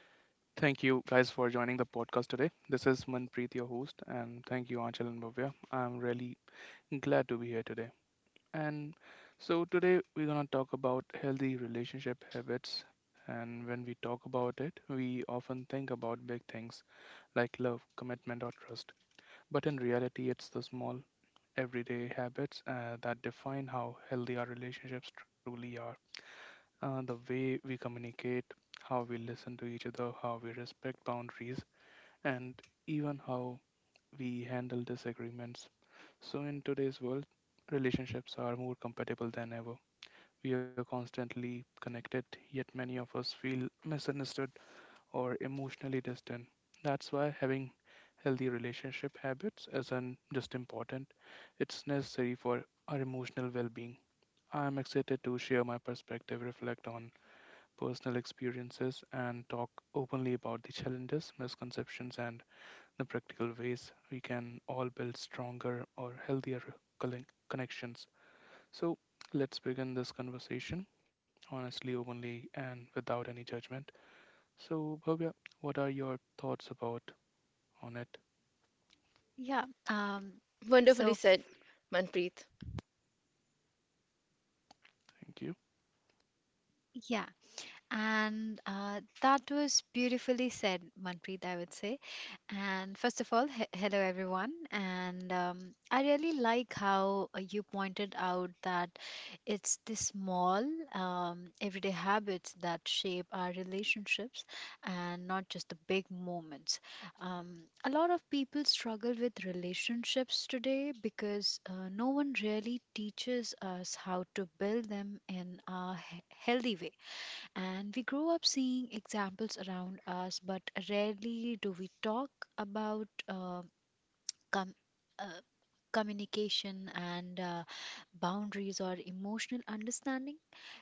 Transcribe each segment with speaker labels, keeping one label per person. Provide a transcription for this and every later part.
Speaker 1: Thank you guys for joining the podcast today. This is Manpreet, your host, and thank you, Anchal and Bhavya. I'm really glad to be here today. And Today we're going to talk about healthy relationship habits. And when we talk about it, we often think about big things like love, commitment, or trust. But in reality, it's the small, everyday habits that define how healthy our relationships truly are. The way we communicate, how we listen to each other, how we respect boundaries, and even how we handle disagreements. So, in today's world, relationships are more compatible than ever. We are constantly connected, yet many of us feel misunderstood or emotionally distant. That's why having healthy relationship habits isn't just important, it's necessary for our emotional well being. I am excited to share my perspective, reflect on personal experiences, and talk openly about the challenges, misconceptions, and the practical ways we can all build stronger or healthier connections. So let's begin this conversation honestly, openly, and without any judgment. So, Bhavya, what are your thoughts about on it?
Speaker 2: Yeah. Um,
Speaker 3: Wonderfully
Speaker 2: so, f-
Speaker 3: said, Manpreet.
Speaker 1: Thank you.
Speaker 2: yeah. And That was beautifully said, Manpreet, I would say. And first of all, hello everyone. And I really like how you pointed out that it's the small, everyday habits that shape our relationships and not just the big moments. Um, a lot of people struggle with relationships today because no one really teaches us how to build them in a healthy way, and we grow up seeing examples around us, but rarely do we talk about com- uh, communication and boundaries or emotional understanding.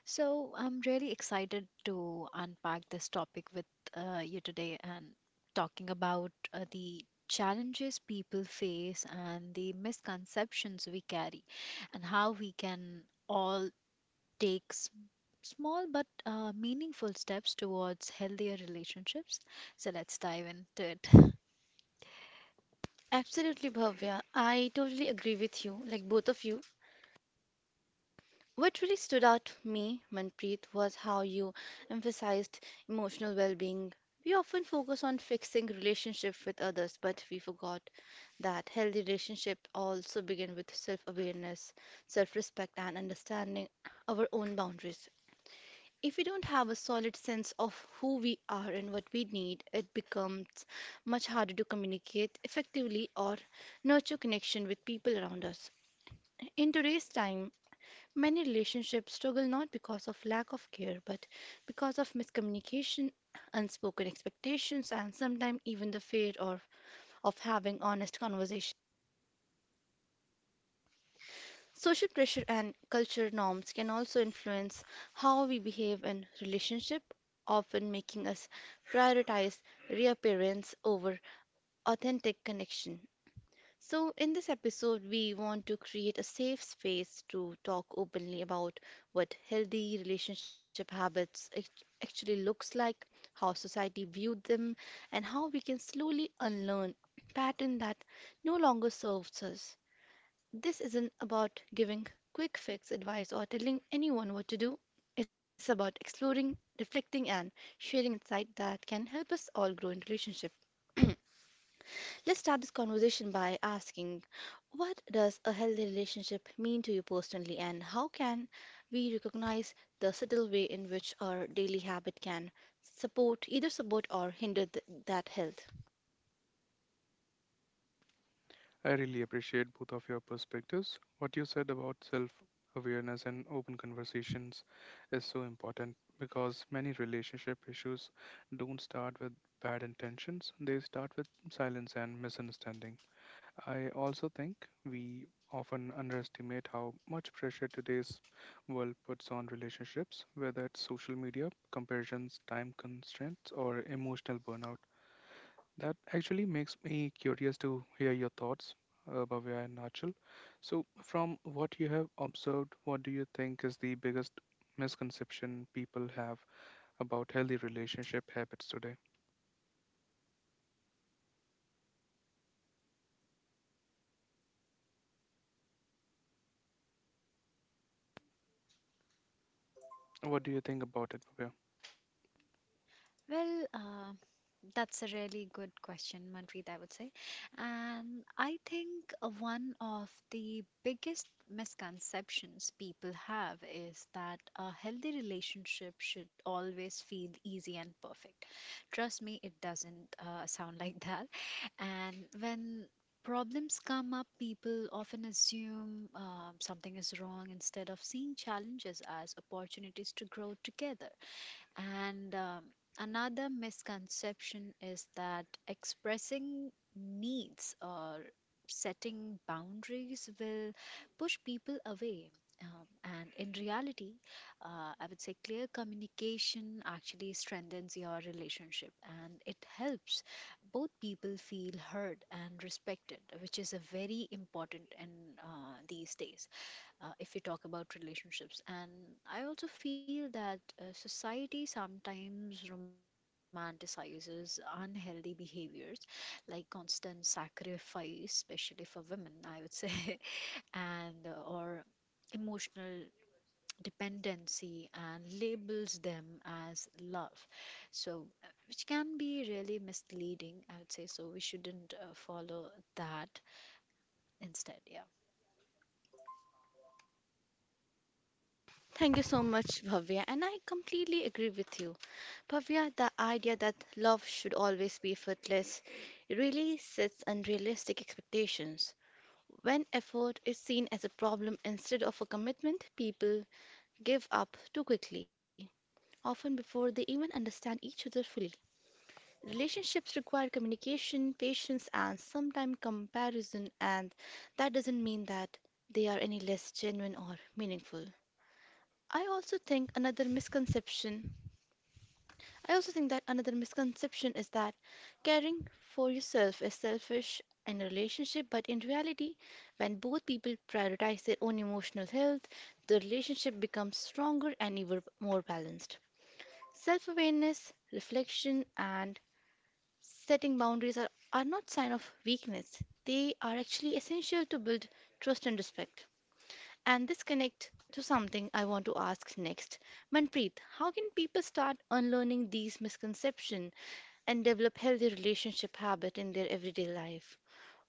Speaker 2: So I'm really excited to unpack this topic with you today, and talking about the challenges people face and the misconceptions we carry, and how we can all takes small but meaningful steps towards healthier relationships. So let's dive into it.
Speaker 3: Absolutely, Bhavya. I totally agree with you, like both of you. What really stood out to me, Manpreet, was how you emphasized emotional well being. We often focus on fixing relationships with others, but we forgot that healthy relationships also begin with self awareness, self respect, and understanding our own boundaries. If we don't have a solid sense of who we are and what we need, it becomes much harder to communicate effectively or nurture connection with people around us. In today's time, many relationships struggle not because of lack of care, but because of miscommunication, unspoken expectations, and sometimes even the fear or of having honest conversations. Social pressure and cultural norms can also influence how we behave in relationship, often making us prioritize reappearance over authentic connection. So in this episode we want to create a safe space to talk openly about what healthy relationship habits actually looks like, how society viewed them, and how we can slowly unlearn pattern that no longer serves us. This isn't about giving quick fix advice or telling anyone what to do. It's about exploring, reflecting, and sharing insight that can help us all grow in relationship. Let's start this conversation by asking, what does a healthy relationship mean to you personally, and how can we recognize the subtle way in which our daily habit can support, either support or hinder that health?
Speaker 1: I really appreciate both of your perspectives. What you said about self awareness and open conversations is so important because many relationship issues don't start with bad intentions, they start with silence and misunderstanding. I also think we often underestimate how much pressure today's world puts on relationships, whether it's social media, comparisons, time constraints, or emotional burnout. That actually makes me curious to hear your thoughts, Bhavya and Nachal. So, from what you have observed, what do you think is the biggest misconception people have about healthy relationship habits today? What do you think about it, Bhavya?
Speaker 2: Well, uh, That's a really good question, Manpreet, I would say. And I think one of the biggest misconceptions people have is that a healthy relationship should always feel easy and perfect. Trust me, it doesn't sound like that. And when problems come up, people often assume something is wrong instead of seeing challenges as opportunities to grow together. And Another misconception is that expressing needs or setting boundaries will push people away. And in reality, I would say clear communication actually strengthens your relationship and it helps both people feel heard and respected, which is a very important in these days if we talk about relationships. And I also feel that society sometimes romanticizes unhealthy behaviors like constant sacrifice, especially for women, I would say, and or emotional dependency, and labels them as love. So, which can be really misleading, I would say. So, we shouldn't follow that instead. Yeah.
Speaker 3: Thank you so much, Bhavya, and I completely agree with you. Pavya, the idea that love should always be effortless really sets unrealistic expectations. When effort is seen as a problem instead of a commitment, people give up too quickly, often before they even understand each other fully. Relationships require communication, patience, and sometimes comparison, and that doesn't mean that they are any less genuine or meaningful. I also think another misconception I also think that another misconception is that caring for yourself is selfish in a relationship, but in reality, when both people prioritize their own emotional health, the relationship becomes stronger and even more balanced. Self awareness, reflection, and setting boundaries are not sign of weakness. They are actually essential to build trust and respect. And this connect to something I want to ask next. Manpreet, how can people start unlearning these misconceptions and develop healthy relationship habit in their everyday life?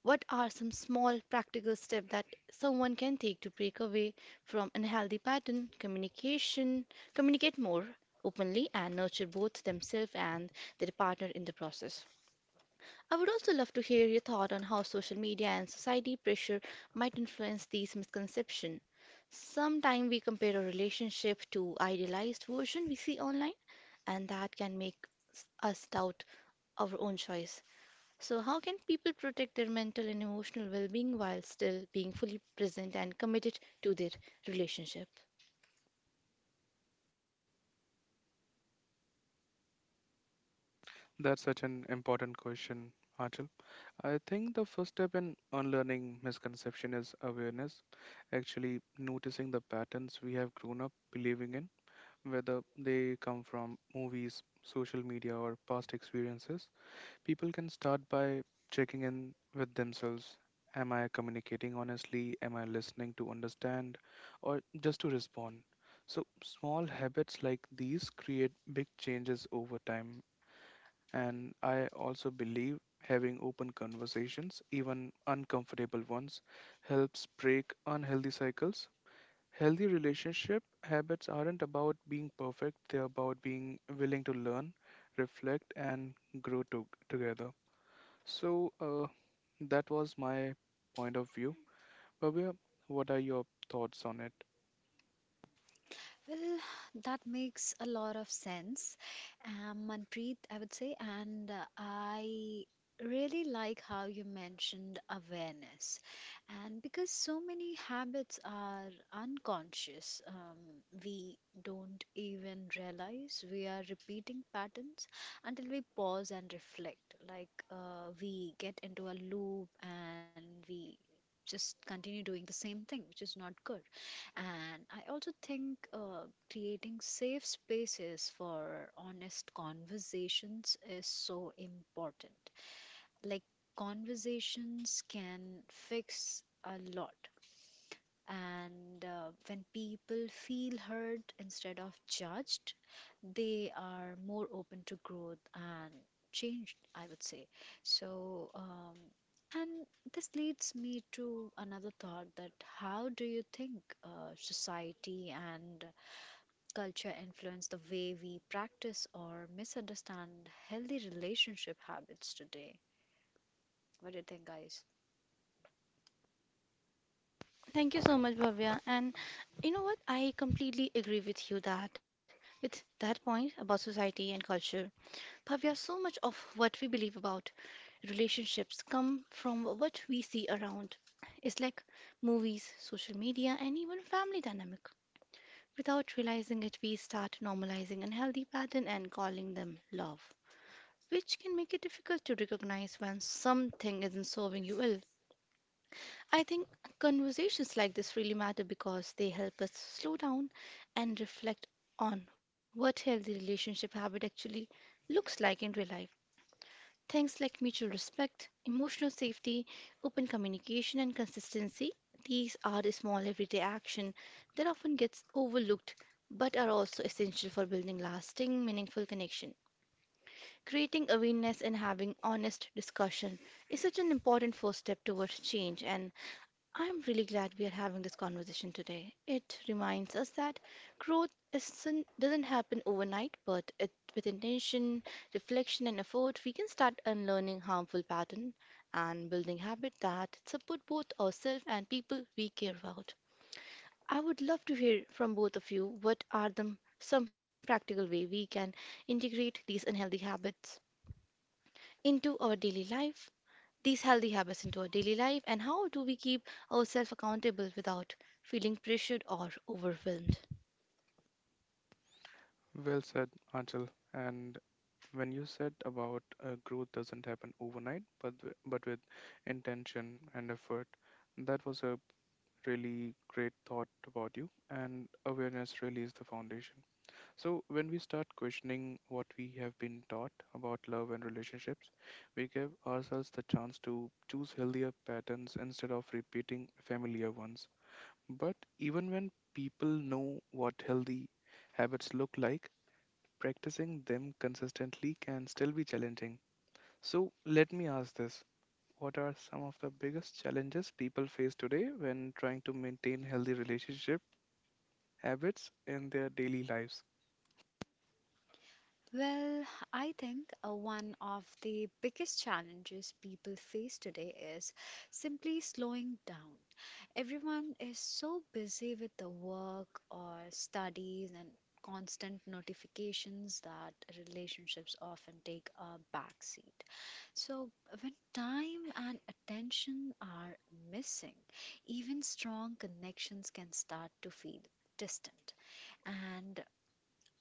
Speaker 3: What are some small practical steps that someone can take to break away from unhealthy pattern communication, communicate more openly and nurture both themselves and their partner in the process? I would also love to hear your thought on how social media and society pressure might influence these misconceptions. Sometimes we compare our relationship to idealized version we see online, and that can make us doubt our own choice. So, how can people protect their mental and emotional well being while still being fully present and committed to their relationship?
Speaker 1: That's such an important question, Achal. I think the first step in unlearning misconception is awareness, actually noticing the patterns we have grown up believing in, whether they come from movies, social media, or past experiences. People can start by checking in with themselves. Am I communicating honestly? Am I listening to understand or just to respond? So, small habits like these create big changes over time. And I also believe having open conversations, even uncomfortable ones, helps break unhealthy cycles. Healthy relationship habits aren't about being perfect, they're about being willing to learn, reflect, and together. So, uh, that was my point of view. Bhavya, what are your thoughts on it?
Speaker 2: Well, that makes a lot of sense, Manpreet, I would say. And I really like how you mentioned awareness. And because so many habits are unconscious, we don't even realize we are repeating patterns until we pause and reflect. Like we get into a loop and we just continue doing the same thing, which is not good. And I also think creating safe spaces for honest conversations is so important. Like, conversations can fix a lot. And when people feel heard instead of judged, they are more open to growth and change, I would say. So, and this leads me to another thought, that how do you think society and culture influence the way we practice or misunderstand healthy relationship habits today? What do you think, guys?
Speaker 3: Thank you so much, Bhavya. And you know what? I completely agree with you that, with that point about society and culture. Bhavya, so much of what we believe about relationships come from what we see around. It's like movies, social media, and even family dynamic. Without realizing it, we start normalizing unhealthy pattern and calling them love, which can make it difficult to recognize when something isn't serving you well. I think conversations like this really matter because they help us slow down and reflect on what healthy relationship habit actually looks like in real life. Things like mutual respect, emotional safety, open communication, and consistency. These are the small everyday action that often gets overlooked but are also essential for building lasting, meaningful connection. Creating awareness and having honest discussion is such an important first step towards change, and I'm really glad we are having this conversation today. It reminds us that growth isn't, doesn't happen overnight, but it, with intention, reflection, and effort, we can start unlearning harmful patterns and building habits that support both ourselves and people we care about. I would love to hear from both of you, what are the, some practical way we can integrate these unhealthy habits into our daily life, these healthy habits into our daily life, and how do we keep ourselves accountable without feeling pressured or overwhelmed?
Speaker 1: Well said, Anchal. And when you said about growth doesn't happen overnight, but but with intention and effort, that was a really great thought about you. And awareness really is the foundation. So when we start questioning what we have been taught about love and relationships, we give ourselves the chance to choose healthier patterns instead of repeating familiar ones. But even when people know what healthy habits look like, practicing them consistently can still be challenging. So, let me ask this. What are some of the biggest challenges people face today when trying to maintain healthy relationship habits in their daily lives?
Speaker 2: Well, I think one of the biggest challenges people face today is simply slowing down. Everyone is so busy with the work or studies and constant notifications that relationships often take a backseat. So, when time and attention are missing, even strong connections can start to feel distant. And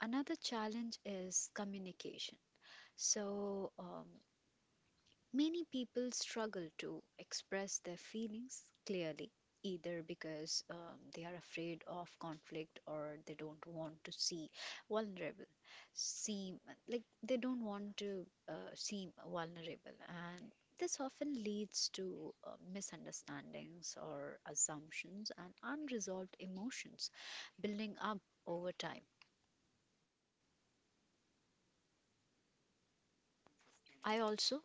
Speaker 2: another challenge is communication. So, many people struggle to express their feelings clearly, either because they are afraid of conflict or they don't want to see vulnerable, seem like they don't want to seem vulnerable. And this often leads to misunderstandings or assumptions and unresolved emotions building up over time. I also,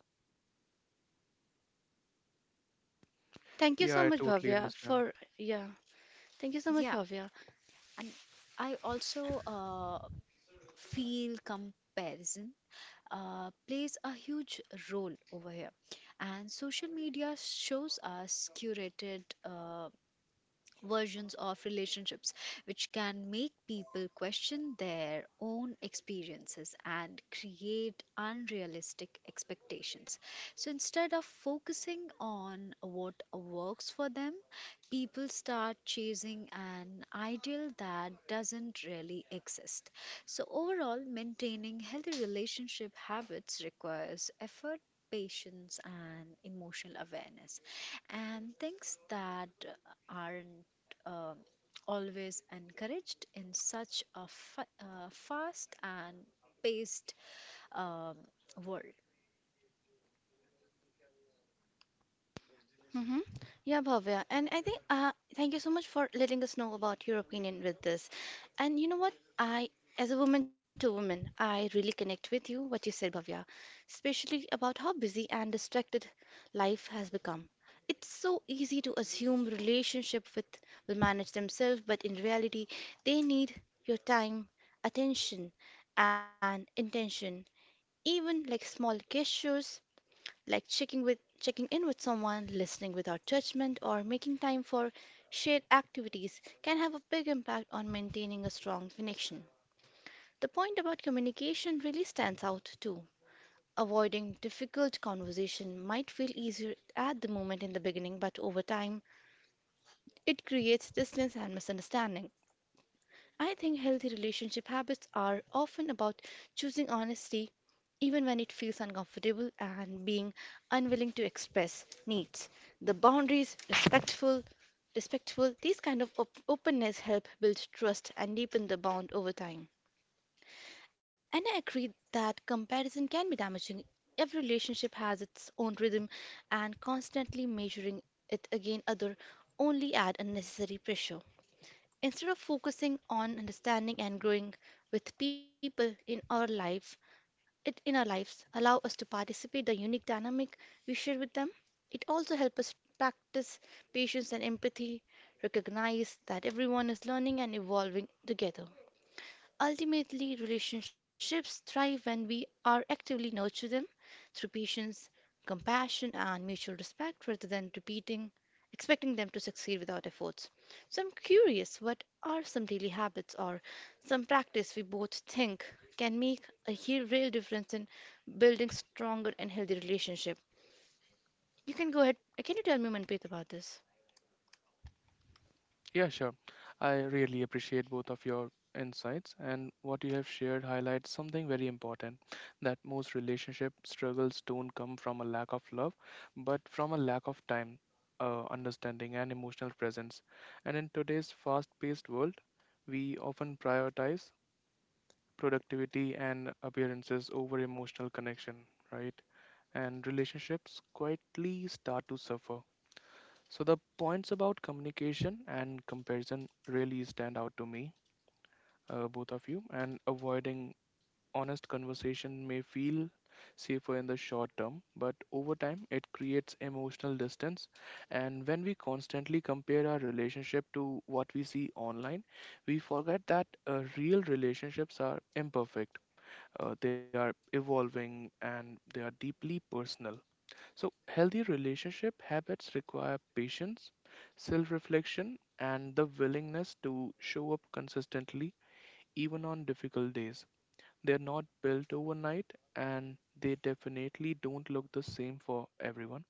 Speaker 3: Thank you
Speaker 1: Yeah,
Speaker 3: so
Speaker 1: I
Speaker 3: much,
Speaker 1: totally
Speaker 3: Bhavya,
Speaker 1: understand.
Speaker 3: for yeah. Thank you so much,
Speaker 2: yeah,
Speaker 3: Bhavya.
Speaker 2: and I also feel comparison plays a huge role over here. And social media shows us curated versions of relationships, which can make people question their own experiences and create unrealistic expectations. So instead of focusing on what works for them, people start chasing an ideal that doesn't really exist. So, overall, maintaining healthy relationship habits requires effort, patience, and emotional awareness, and things that aren't um always encouraged in such a fast and paced um, world.
Speaker 3: Mm-hmm. Yeah, Bhavya. And I think thank you so much for letting us know about your opinion with this. And you know what? I, as a woman to woman, I really connect with you, what you said, Bhavya, especially about how busy and distracted life has become. It's so easy to assume relationship with will manage themselves, but in reality, they need your time, attention, and intention. Even like small gestures like checking in with someone, listening without judgment, or making time for shared activities can have a big impact on maintaining a strong connection. The point about communication really stands out too. Avoiding difficult conversation might feel easier at the moment in the beginning, but over time it creates distance and misunderstanding. I think healthy relationship habits are often about choosing honesty, even when it feels uncomfortable, and being unwilling to express needs. The boundaries, respectful, these kind of openness help build trust and deepen the bond over time. And I agree that comparison can be damaging. Every relationship has its own rhythm, and constantly measuring it against other only add unnecessary pressure. Instead of focusing on understanding and growing with people in our life, it in our lives allow us to participate the unique dynamic we share with them. It also helps us practice patience and empathy, recognize that everyone is learning and evolving together. Ultimately, relationships thrive when we are actively nurture them through patience, compassion, and mutual respect rather than repeating expecting them to succeed without efforts. So I'm curious, what are some daily habits or some practice we both think can make a real difference in building stronger and healthy relationship? You can go ahead. Can you tell me, Manpreet, about this?
Speaker 1: Yeah, sure. I really appreciate both of your insights, and what you have shared highlights something very important, that most relationship struggles don't come from a lack of love, but from a lack of time, understanding, and emotional presence. And in today's fast paced world, we often prioritize productivity and appearances over emotional connection, right? And relationships quietly start to suffer. So the points about communication and comparison really stand out to me, both of you, and avoiding honest conversation may feel safer in the short term, but over time it creates emotional distance. And when we constantly compare our relationship to what we see online, we forget that real relationships are imperfect. They are evolving and they are deeply personal. So, healthy relationship habits require patience, self reflection, and the willingness to show up consistently, even on difficult days. They're not built overnight, and they definitely don't look the same for everyone.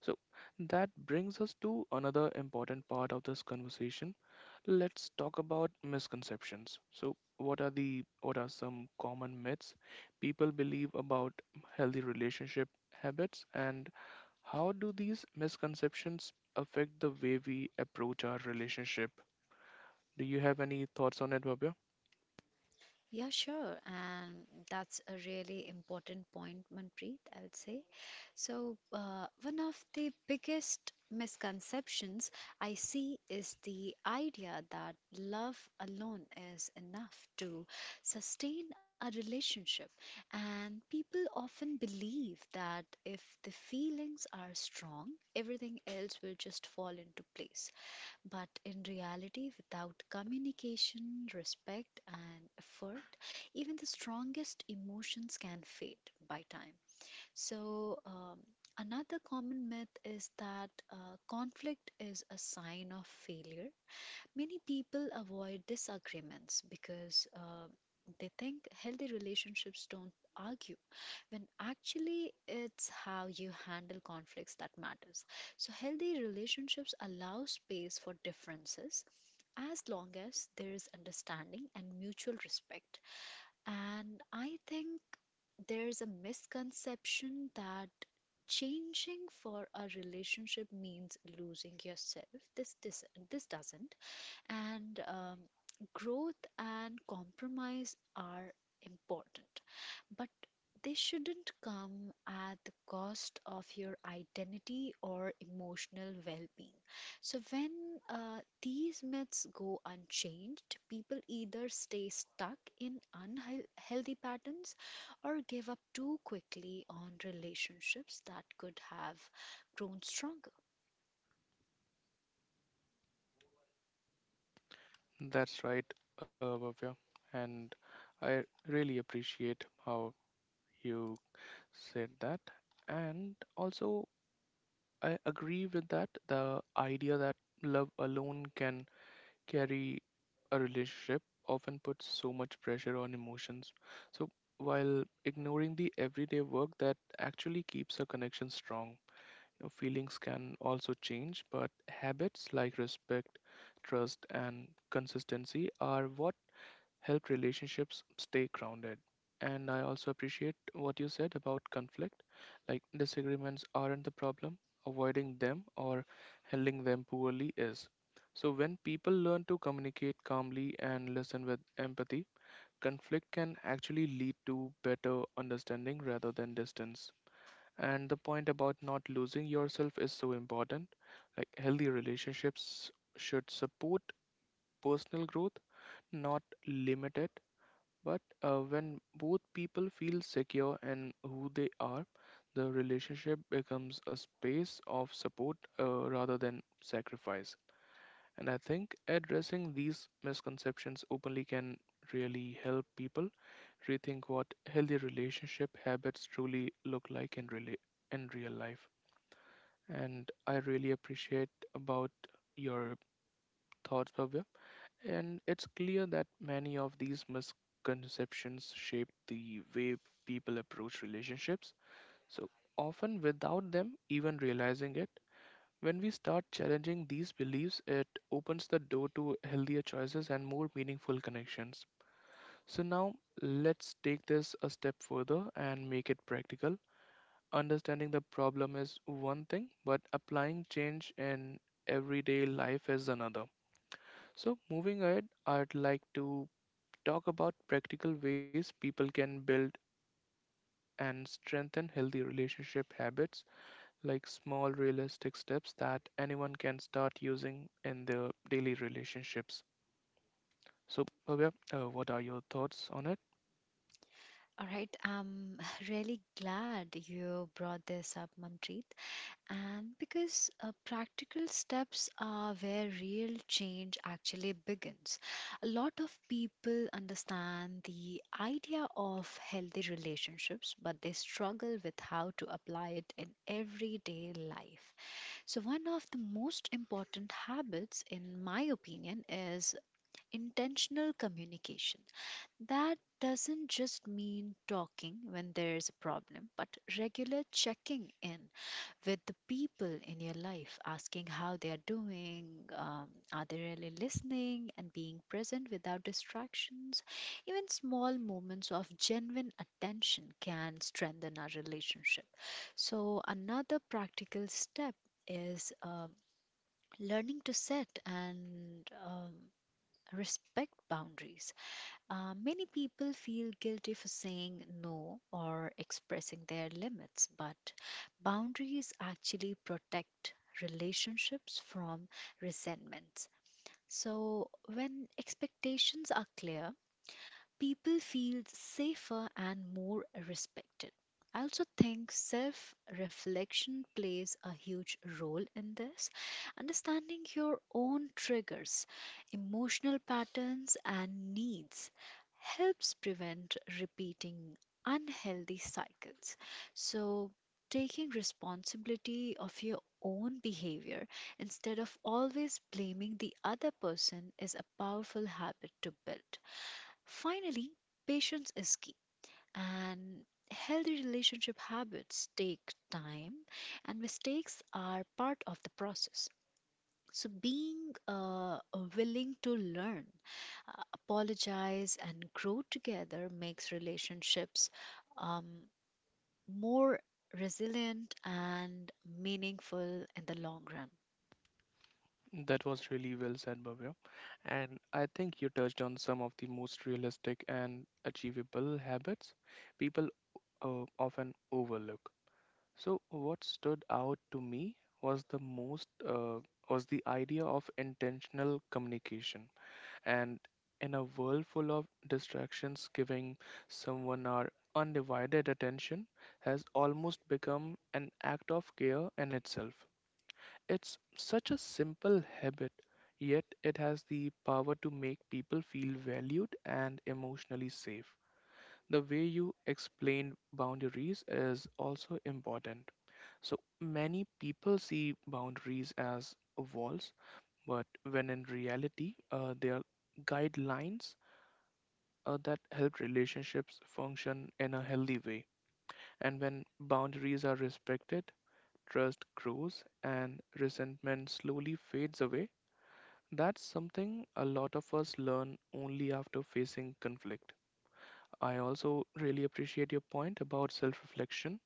Speaker 1: So, that brings us to another important part of this conversation. Let's talk about misconceptions. So, what are some common myths people believe about healthy relationship habits, and how do these misconceptions affect the way we approach our relationship? Do you have any thoughts on it, Bhavya?
Speaker 2: Yeah, sure. And that's a really important point, Manpreet, I would say. So, one of the biggest misconceptions I see is the idea that love alone is enough to sustain a relationship. And people often believe that if the feelings are strong, everything else will just fall into place. But in reality, without communication, respect, and effort, even the strongest emotions can fade by time. So, another common myth is that conflict is a sign of failure. Many people avoid disagreements because they think healthy relationships don't argue, when actually it's how you handle conflicts that matters. So healthy relationships allow space for differences as long as there is understanding and mutual respect. And I think there's a misconception that changing for a relationship means losing yourself. This this, this doesn't. And growth and compromise are important, but they shouldn't come at the cost of your identity or emotional well being. So, when these myths go unchanged, people either stay stuck in unhealthy patterns or give up too quickly on relationships that could have grown stronger.
Speaker 1: That's right, Bhavya. And I really appreciate how you said that. And also, I agree with that the idea that love alone can carry a relationship often puts so much pressure on emotions. So while ignoring the everyday work that actually keeps a connection strong, you know, feelings can also change, but habits like respect, trust, and consistency are what help relationships stay grounded. And I also appreciate what you said about conflict. Like, disagreements aren't the problem, avoiding them or handling them poorly is. So, when people learn to communicate calmly and listen with empathy, conflict can actually lead to better understanding rather than distance. And the point about not losing yourself is so important. Like, healthy relationships should support personal growth, not limit it, but when both people feel secure in who they are, the relationship becomes a space of support rather than sacrifice. And I think addressing these misconceptions openly can really help people rethink what healthy relationship habits truly look like in real life. And I really appreciate about your thoughts, Bhavya. And it's clear that many of these misconceptions shape the way people approach relationships, so often without them even realizing it. When we start challenging these beliefs, it opens the door to healthier choices and more meaningful connections. So, now let's take this a step further and make it practical. Understanding the problem is one thing, but applying change in everyday life is another. So, moving ahead, I'd like to talk about practical ways people can build and strengthen healthy relationship habits, like small realistic steps that anyone can start using in their daily relationships. So, Bhavya, what are your thoughts on it?
Speaker 2: All right, I'm really glad you brought this up, Manpreet. And because practical steps are where real change actually begins. A lot of people understand the idea of healthy relationships, but they struggle with how to apply it in everyday life. So, one of the most important habits, in my opinion, is intentional communication. That doesn't just mean talking when there's a problem, but regular checking in with the people in your life, asking how they are doing, are they really listening, and being present without distractions. Even small moments of genuine attention can strengthen our relationship. So, another practical step is learning to set and respect boundaries. Many people feel guilty for saying no or expressing their limits, but boundaries actually protect relationships from resentments. So, when expectations are clear, people feel safer and more respected. I also think self reflection plays a huge role in this. Understanding your own triggers, emotional patterns, and needs helps prevent repeating unhealthy cycles. So, taking responsibility of your own behavior instead of always blaming the other person is a powerful habit to build. Finally, patience is key, and healthy relationship habits take time, and mistakes are part of the process. So, being willing to learn, apologize, and grow together makes relationships um, more resilient and meaningful in the long run.
Speaker 1: That was really well said, Bhavya. And I think you touched on some of the most realistic and achievable habits people often overlook. So what stood out to me was the most uh, was the idea of intentional communication, and in a world full of distractions, giving someone our undivided attention has almost become an act of care in itself. It's such a simple habit, yet it has the power to make people feel valued and emotionally safe. The way you explain boundaries is also important. So many people see boundaries as walls, but when in reality, they are guidelines that help relationships function in a healthy way. And when boundaries are respected, trust grows and resentment slowly fades away. That's something a lot of us learn only after facing conflict. I also really appreciate your point about self reflection.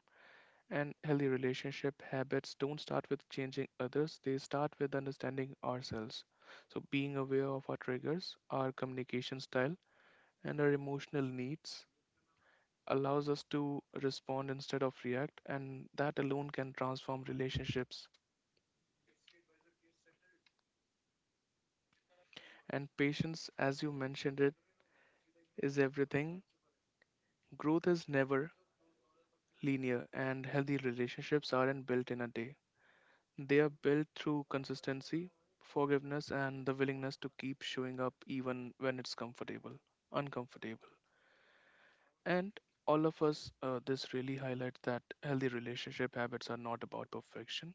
Speaker 1: And healthy relationship habits don't start with changing others, they start with understanding ourselves. So, being aware of our triggers, our communication style, and our emotional needs allows us to respond instead of react, and that alone can transform relationships. And patience, as you mentioned it, is everything. Growth is never linear, and healthy relationships aren't built in a day. They are built through consistency, forgiveness, and the willingness to keep showing up even when it's uncomfortable. And all of us, this really highlights that healthy relationship habits are not about perfection.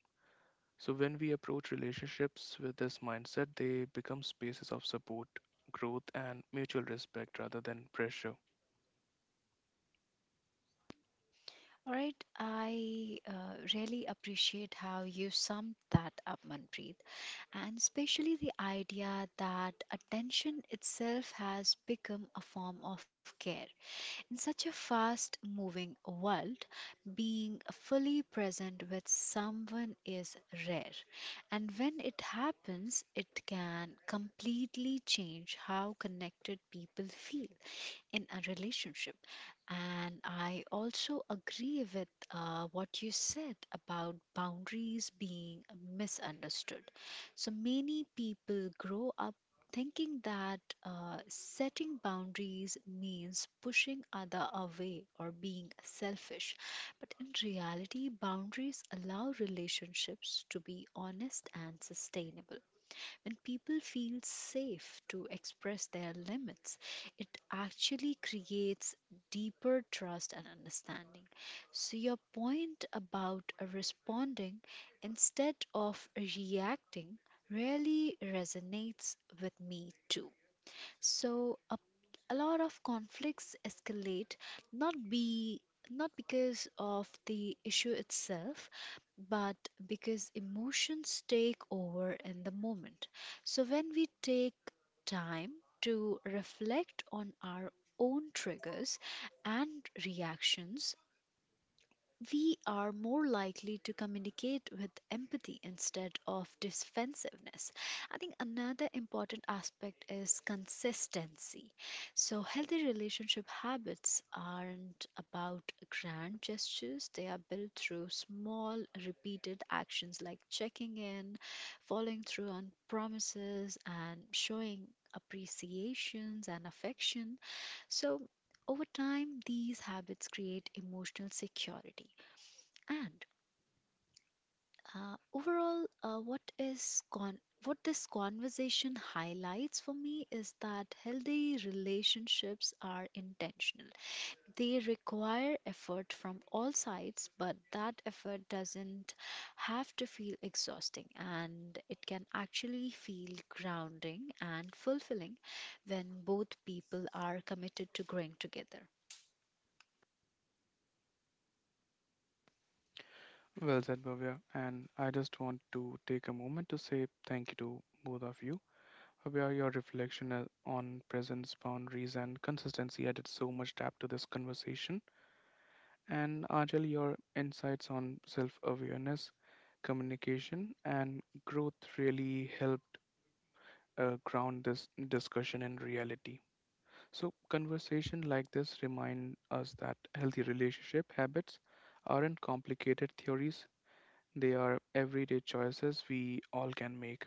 Speaker 1: So when we approach relationships with this mindset, they become spaces of support, growth, and mutual respect rather than pressure.
Speaker 2: All right, I really appreciate how you summed that up, Manpreet, and especially the idea that attention itself has become a form of care. In such a fast moving world, being fully present with someone is rare, and when it happens, it can completely change how connected people feel in a relationship. And I also agree with what you said about boundaries being misunderstood. So many people grow up thinking that setting boundaries means pushing other away or being selfish, but in reality boundaries allow relationships to be honest and sustainable. When people feel safe to express their limits, it actually creates deeper trust and understanding. So, your point about responding instead of reacting really resonates with me too. So, a lot of conflicts escalate not be not because of the issue itself, but because emotions take over in the moment. So when we take time to reflect on our own triggers and reactions, we are more likely to communicate with empathy instead of defensiveness. I think another important aspect is consistency. So, healthy relationship habits aren't about grand gestures, they are built through small, repeated actions like checking in, following through on promises, and showing appreciations and affection. So, over time, these habits create emotional security. And overall, what this conversation highlights for me is that healthy relationships are intentional. They require effort from all sides, but that effort doesn't have to feel exhausting, and it can actually feel grounding and fulfilling when both people are committed to growing together.
Speaker 1: Well said, Bhavya. And I just want to take a moment to say thank you to both of you. Where your reflection on presence, boundaries, and consistency added so much depth to this conversation. And Ajal, your insights on self awareness, communication, and growth really helped ground this discussion in reality. So, conversation like this remind us that healthy relationship habits aren't complicated theories, they are everyday choices we all can make.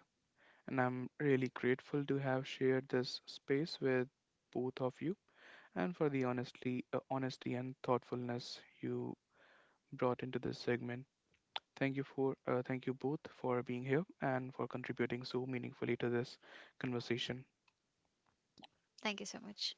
Speaker 1: And I'm really grateful to have shared this space with both of you and for the honesty and thoughtfulness you brought into this segment. Thank you for thank you both for being here and for contributing so meaningfully to this conversation.
Speaker 2: Thank you so much.